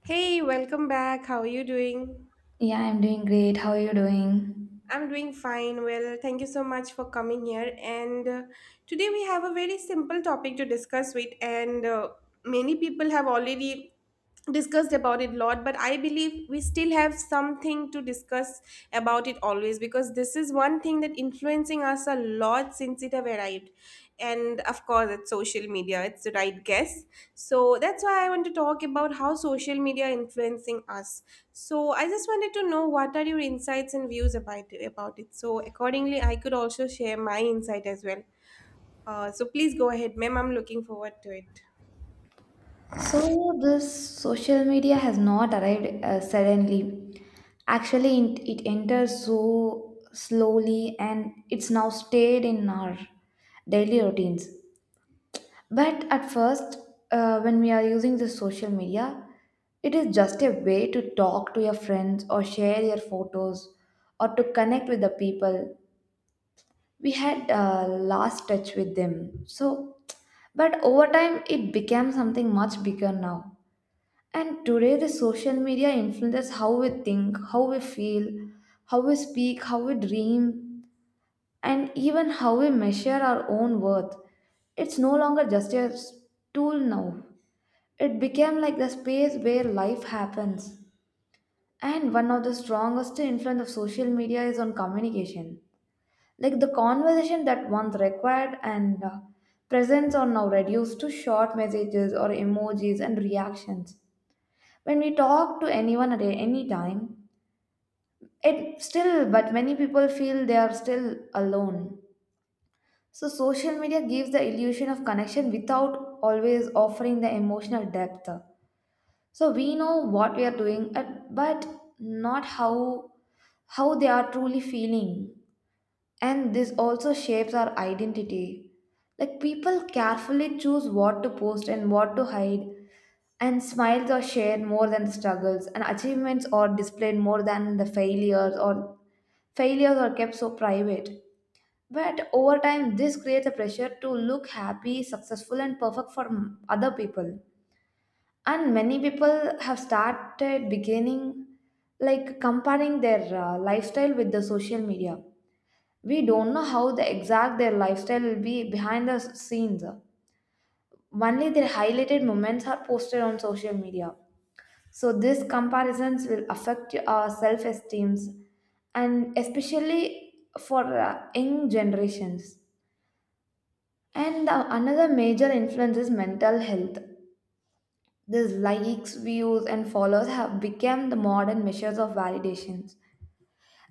Hey, welcome back. How are you doing? Yeah, I'm doing great. How are you doing? I'm doing fine. Well, thank you so much for coming here. And today we have a very simple topic to discuss with, and many people have already discussed about it a lot, but I believe we still have something to discuss about it always, because this is one thing that influences influencing us a lot since it have arrived, and of course it's social media, it's the right guess. So that's why I want to talk about how social media influencing us. So I just wanted to know what are your insights and views about it, so accordingly I could also share my insight as well. So please go ahead, ma'am, I'm looking forward to it. So, this social media has not arrived suddenly. Actually, it entered so slowly and it's now stayed in our daily routines. But at first, when we are using the social media, it is just a way to talk to your friends or share your photos or to connect with the people. We had lost touch with them. So, but over time, it became something much bigger now. And today, the social media influences how we think, how we feel, how we speak, how we dream, and even how we measure our own worth. It's no longer just a tool now. It became like the space where life happens. And one of the strongest influence of social media is on communication. Like the conversation that once required and presence are now reduced to short messages or emojis and reactions. When we talk to anyone at any time, it still, but many people feel they are still alone. So, social media gives the illusion of connection without always offering the emotional depth. So, we know what we are doing, but not how they are truly feeling. And this also shapes our identity. Like people carefully choose what to post and what to hide, and smiles are shared more than struggles, and achievements are displayed more than the failures, or failures are kept so private. But over time, this creates a pressure to look happy, successful, and perfect for other people. And many people have started beginning like comparing their lifestyle with the social media. We don't know how the exact their lifestyle will be behind the scenes. Only their highlighted moments are posted on social media, so these comparisons will affect our self esteems, and especially for young generations. And another major influence is mental health. These likes, views, and followers have become the modern measures of validations.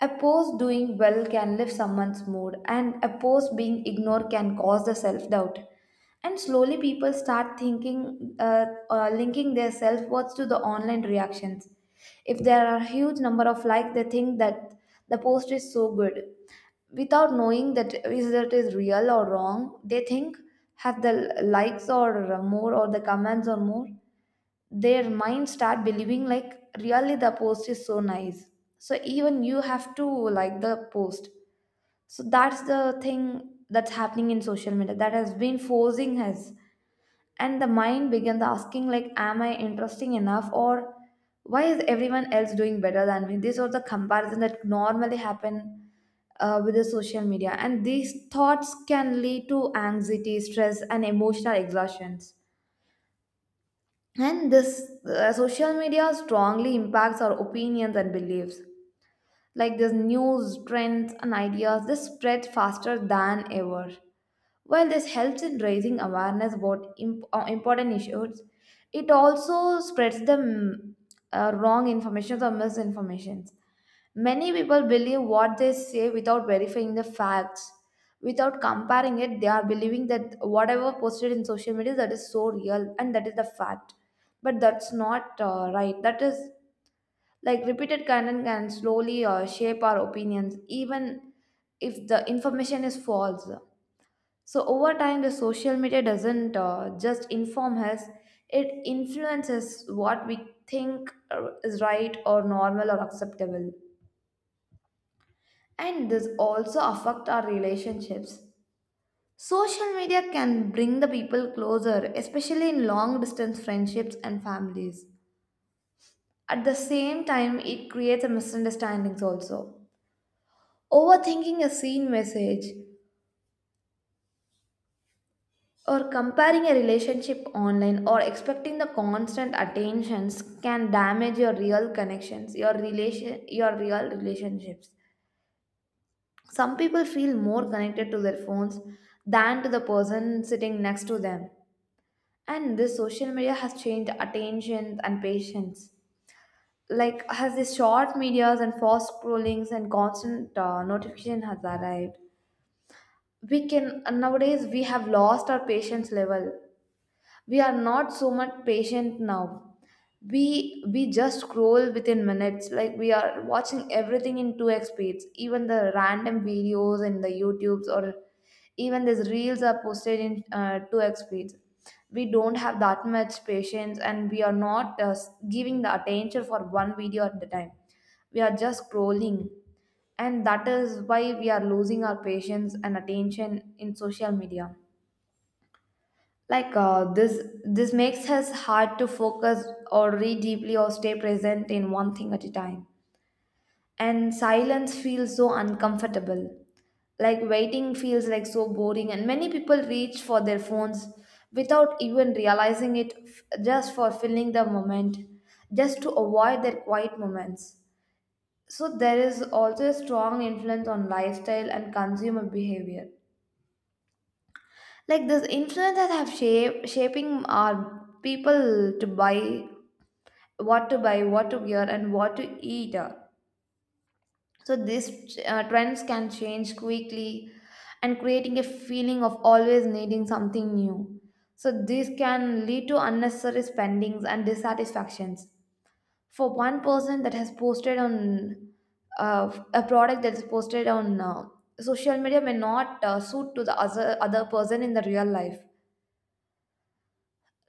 A post doing well can lift someone's mood, and a post being ignored can cause the self doubt. And slowly, people start thinking, linking their self worth to the online reactions. If there are a huge number of likes, they think that the post is so good. Without knowing that is real or wrong, they think have the likes or more or the comments or more, their mind start believing like really the post is so nice, so even you have to like the post. So that's the thing that's happening in social media that has been forcing us. And the mind begins asking, like, am I interesting enough, or why is everyone else doing better than me? These are the comparison that normally happen with the social media, and these thoughts can lead to anxiety, stress, and emotional exhaustions. And this social media strongly impacts our opinions and beliefs. Like this news, trends, and ideas, they spread faster than ever. While this helps in raising awareness about important issues, it also spreads the wrong information or misinformation. Many people believe what they say without verifying the facts. Without comparing it, they are believing that whatever posted in social media, that is so real and that is the fact. But that's not right. That is like repeated content can slowly shape our opinions, even if the information is false. So over time, the social media doesn't just inform us; it influences what we think is right or normal or acceptable. And this also affect our relationships. Social media can bring the people closer, especially in long distance friendships and families. At the same time, it creates a misunderstandings also. Overthinking a seen message. Or comparing a relationship online or expecting the constant attentions can damage your real connections, your relation your real relationships. Some people feel more connected to their phones than to the person sitting next to them. And this social media has changed attention and patience. Like has this short medias and fast scrollings and constant notification has arrived. We can nowadays we have lost our patience level. We are not so much patient now. We just scroll within minutes, like we are watching everything in 2x speeds, even the random videos in the youtubes, or even these reels are posted in 2x speeds. We don't have that much patience, and we are not giving the attention for one video at the time. We are just scrolling, and that is why we are losing our patience and attention in social media. Like this makes us hard to focus or read deeply or stay present in one thing at a time. And silence feels so uncomfortable, like waiting feels like so boring, and many people reach for their phones without even realizing it, just for filling the moment, just to avoid their quiet moments. So there is also a strong influence on lifestyle and consumer behavior. Like this influence that have shape shaping our people to buy, what to buy, what to wear, and what to eat. So these trends can change quickly and creating a feeling of always needing something new. So this can lead to unnecessary spendings and dissatisfactions. For one person that has posted on a product that is posted on social media may not suit to the other person in the real life.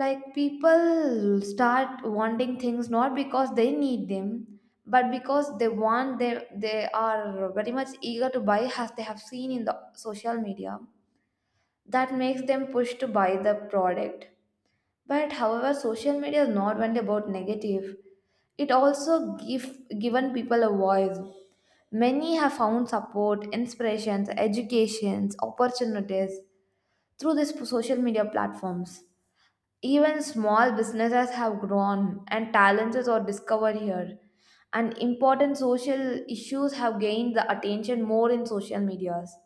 Like people start wanting things not because they need them, but because they are very much eager to buy as they have seen in the social media, that makes them push to buy the product. But however social media is not only about negative. It also given people a voice. Many have found support, inspirations, educations, opportunities through these social media platforms. Even small businesses have grown, and talents are discovered here. And important social issues have gained the attention more in social medias.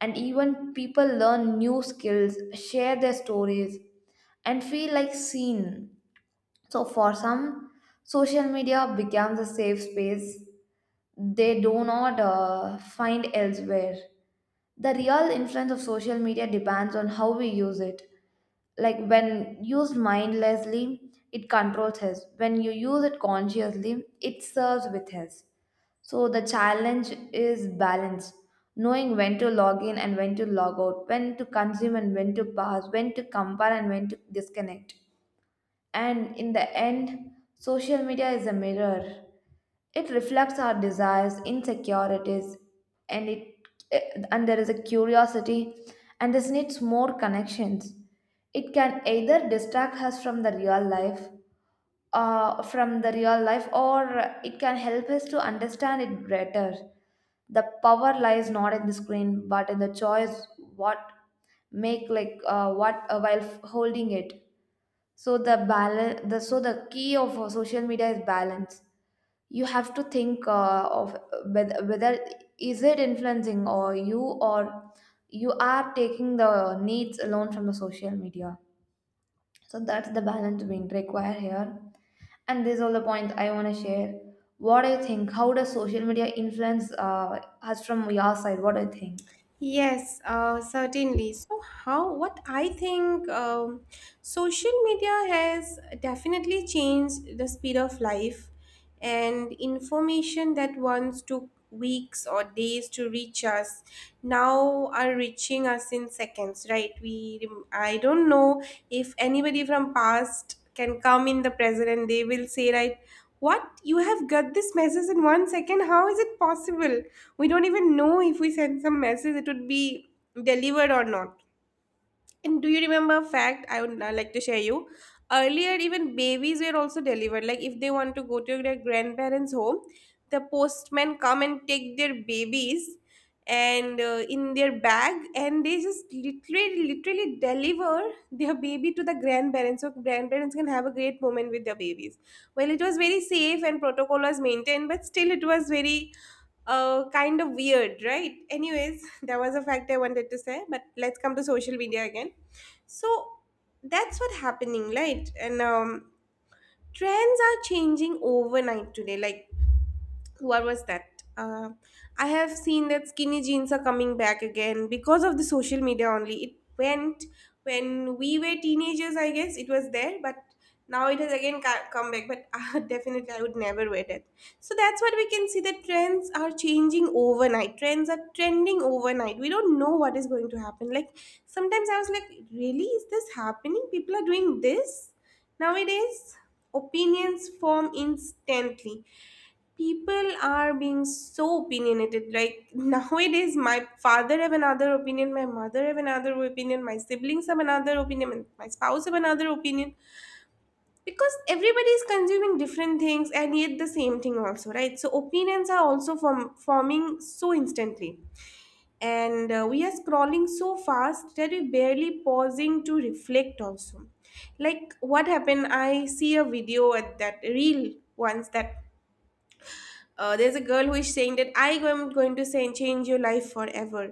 And even people learn new skills, share their stories, and feel like seen. So, for some, social media becomes a safe space they do not find elsewhere. The real influence of social media depends on how we use it. Like when used mindlessly, it controls us. When you use it consciously, it serves with us. So the challenge is balance, knowing when to log in and when to log out, when to consume and when to pass, when to compare and when to disconnect. And in the end, social media is a mirror. It reflects our desires, insecurities, and it and there is a curiosity and this needs more connections. It can either distract us from the real life, or it can help us to understand it better. The power lies not in the screen, but in the choice what make, like what while holding it. So the balance the so the key of social media is balance. You have to think of whether, whether is it influencing or you, or you are taking the needs alone from the social media. So that's the balance being required here. And this is all the points I want to share. What do you think, how does social media influence us? From your side, what do you think? Yes, certainly. So, how what I think, social media has definitely changed the speed of life, and information that once took weeks or days to reach us now are reaching us in seconds, right? I don't know if anybody from past can come in the present and they will say, right, what, you have got this message in 1 second, how is it possible? We don't even know if we send some message it would be delivered or not. And do you remember a fact I would like to share you? Earlier, even babies were also delivered. Like if they want to go to their grandparents' home, the postman come and take their babies and in their bag, and they just literally deliver their baby to the grandparents, so grandparents can have a great moment with their babies. Well, it was very safe and protocol was maintained, but still it was very kind of weird, right? Anyways, that was a fact I wanted to say. But let's come to social media again. So that's what happening, right? And trends are changing overnight today. Like, what was that? I have seen that skinny jeans are coming back again because of the social media only. It went when we were teenagers, I guess it was there, but now it has again come back. But definitely, I would never wear that. So that's what we can see, that trends are changing overnight. Trends are trending overnight. We don't know what is going to happen. Like, sometimes I was like, really? Is this happening? People are doing this? Nowadays, opinions form instantly. People are being so opinionated. Like nowadays, my father have another opinion, my mother have another opinion, my siblings have another opinion, and my spouse have another opinion. Because everybody is consuming different things and yet the same thing also, right? So opinions are also forming so instantly. And we are scrolling so fast that we barely pausing to reflect also. Like what happened, I see a video at that reel once that, there's a girl who is saying that I am going to say change your life forever.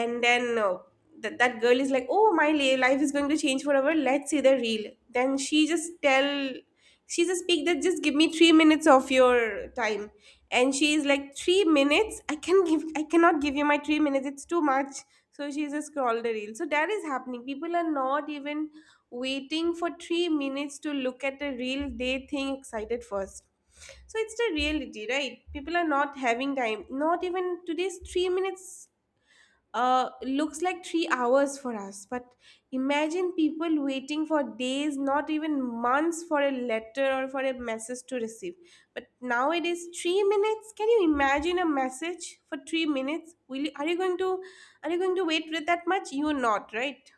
And then that girl is like, oh my life is going to change forever, let's see the reel. Then she just speak that, just give me 3 minutes of your time. And she is like, 3 minutes I can give, I cannot give you my 3 minutes, it's too much. So she just scrolled the reel. So that is happening, people are not even waiting for 3 minutes to look at a reel, they think excited first. So it's the reality, right? People are not having time. Not even today's 3 minutes looks like 3 hours for us. But imagine people waiting for days, not even months, for a letter or for a message to receive. But nowadays, 3 minutes. Can you imagine a message for 3 minutes? Will you, are you going to are you going to wait with that much? You're not, right?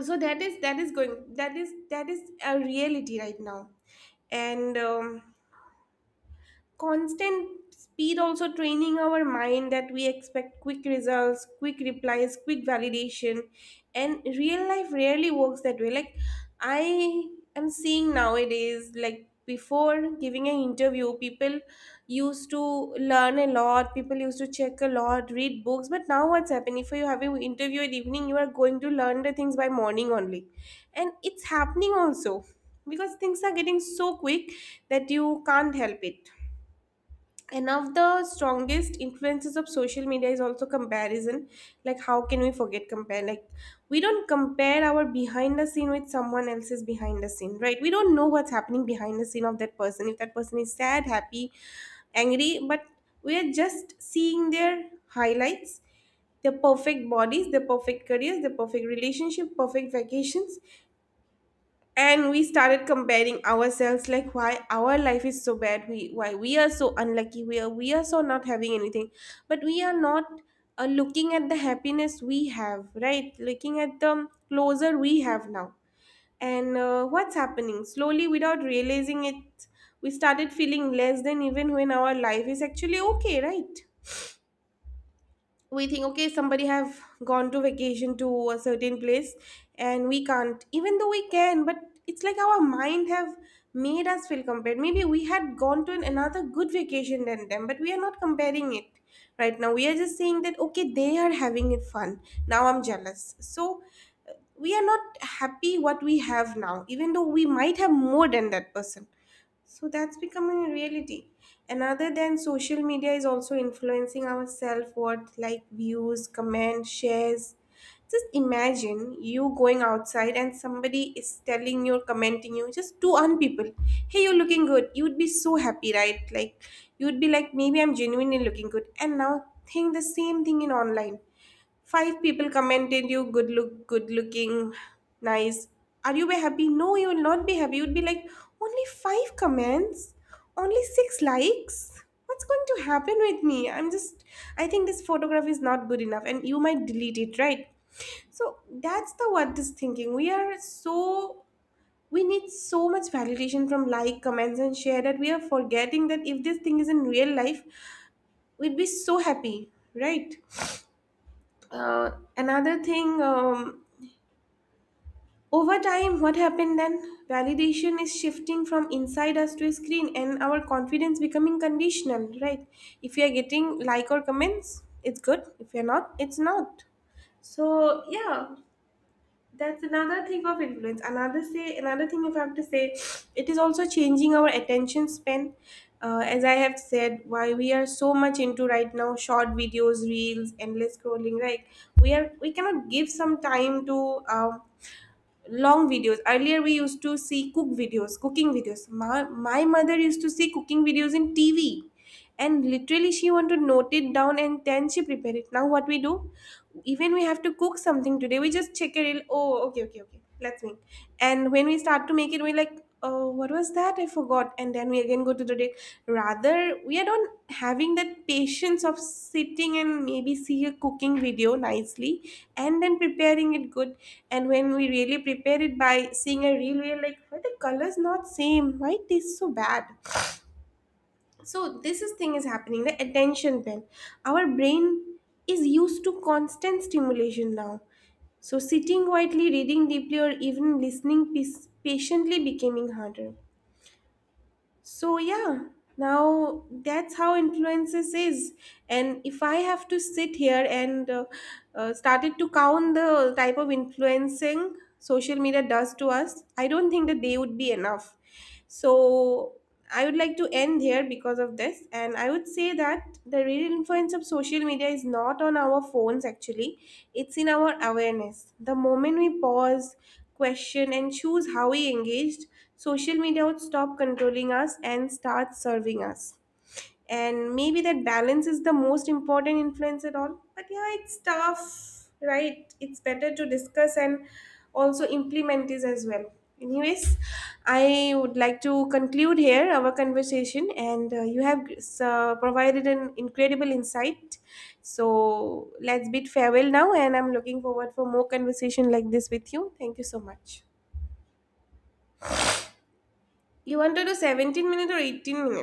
So that is a reality right now. And constant speed also training our mind that we expect quick results, quick replies, quick validation, and real life rarely works that way. Like I am seeing nowadays, like before giving an interview, people used to learn a lot, people used to check a lot, read books, but now what's happening, if you have an interview at evening, you are going to learn the things by morning only. And it's happening also, because things are getting so quick that you can't help it. And of the strongest influences of social media is also comparison. Like, how can we forget compare? Like, we don't compare our behind the scene with someone else's behind the scene, right? We don't know what's happening behind the scene of that person, if that person is sad, happy, angry. But we are just seeing their highlights, the perfect bodies, the perfect careers, the perfect relationship, perfect vacations. And we started comparing ourselves, like, why our life is so bad, we, why we are so unlucky, we are so not having anything. But we are not looking at the happiness we have, right, looking at the closer we have now. And what's happening slowly, without realizing it, we started feeling less than, even when our life is actually okay, right? We think, okay, somebody have gone to vacation to a certain place and we can't, even though we can, but it's like our mind have made us feel compared, maybe we had gone to another good vacation than them, but we are not comparing it right now, we are just saying that, okay, they are having it fun, now I'm jealous. So uh, we are not happy what we have now, even though we might have more than that person. So that's becoming a reality. And other than social media is also influencing our self worth, like views, comments, shares. Just imagine you going outside and somebody is telling you, or commenting you, just two on people. Hey, you're looking good. You'd be so happy, right? Like, you'd be like, maybe I'm genuinely looking good. And now think the same thing in online. Five people commented you good look, good looking, nice. Are you be happy? No, you will not be happy. You'd be like, only five comments, only six likes. What's going to happen with me? I'm just, I think this photograph is not good enough, and you might delete it, right? So that's the what is thinking. We are so, we need so much validation from like, comments, and share, that we are forgetting that if this thing is in real life, we'd be so happy, right? Uh, another thing, over time, what happened then? Validation is shifting from inside us to a screen, and our confidence becoming conditional, right? If you are getting like or comments, it's good. If you're not, it's not. So yeah, that's another thing of influence, another thing, if I have to say, it is also changing our attention span. As I have said, why we are so much into right now short videos, reels, endless scrolling, right? We cannot give some time to long videos. Earlier we used to see cooking videos, my mother used to see cooking videos in TV, and literally she want to note it down and then she prepare it. Now what we do, even we have to cook something today, we just check a reel, oh, okay, okay, okay, let's make. And when we start to make it, we're like, oh, what was that, I forgot. And then we again go to the day. Rather we are not having that patience of sitting and maybe see a cooking video nicely and then preparing it good. And when we really prepare it by seeing a real, we are like, why the colors not same? Why it tastes so bad? So this is thing is happening, the attention span. Our brain is used to constant stimulation now. So sitting quietly, reading deeply, or even listening patiently becoming harder. So yeah, now that's how influences is. And if I have to sit here and started to count the type of influencing social media does to us, I don't think the day would be enough. So I would like to end here because of this, and I would say that the real influence of social media is not on our phones actually, it's in our awareness. The moment we pause, question, and choose how we engaged, social media would stop controlling us and start serving us. And maybe that balance is the most important influence at all. But yeah, it's tough, right? It's better to discuss and also implement this as well. Anyways, I would like to conclude here our conversation, and you have provided an incredible insight. So let's bid farewell now, and I'm looking forward for more conversation like this with you. Thank you so much. You want to do 17 minutes or 18 minutes?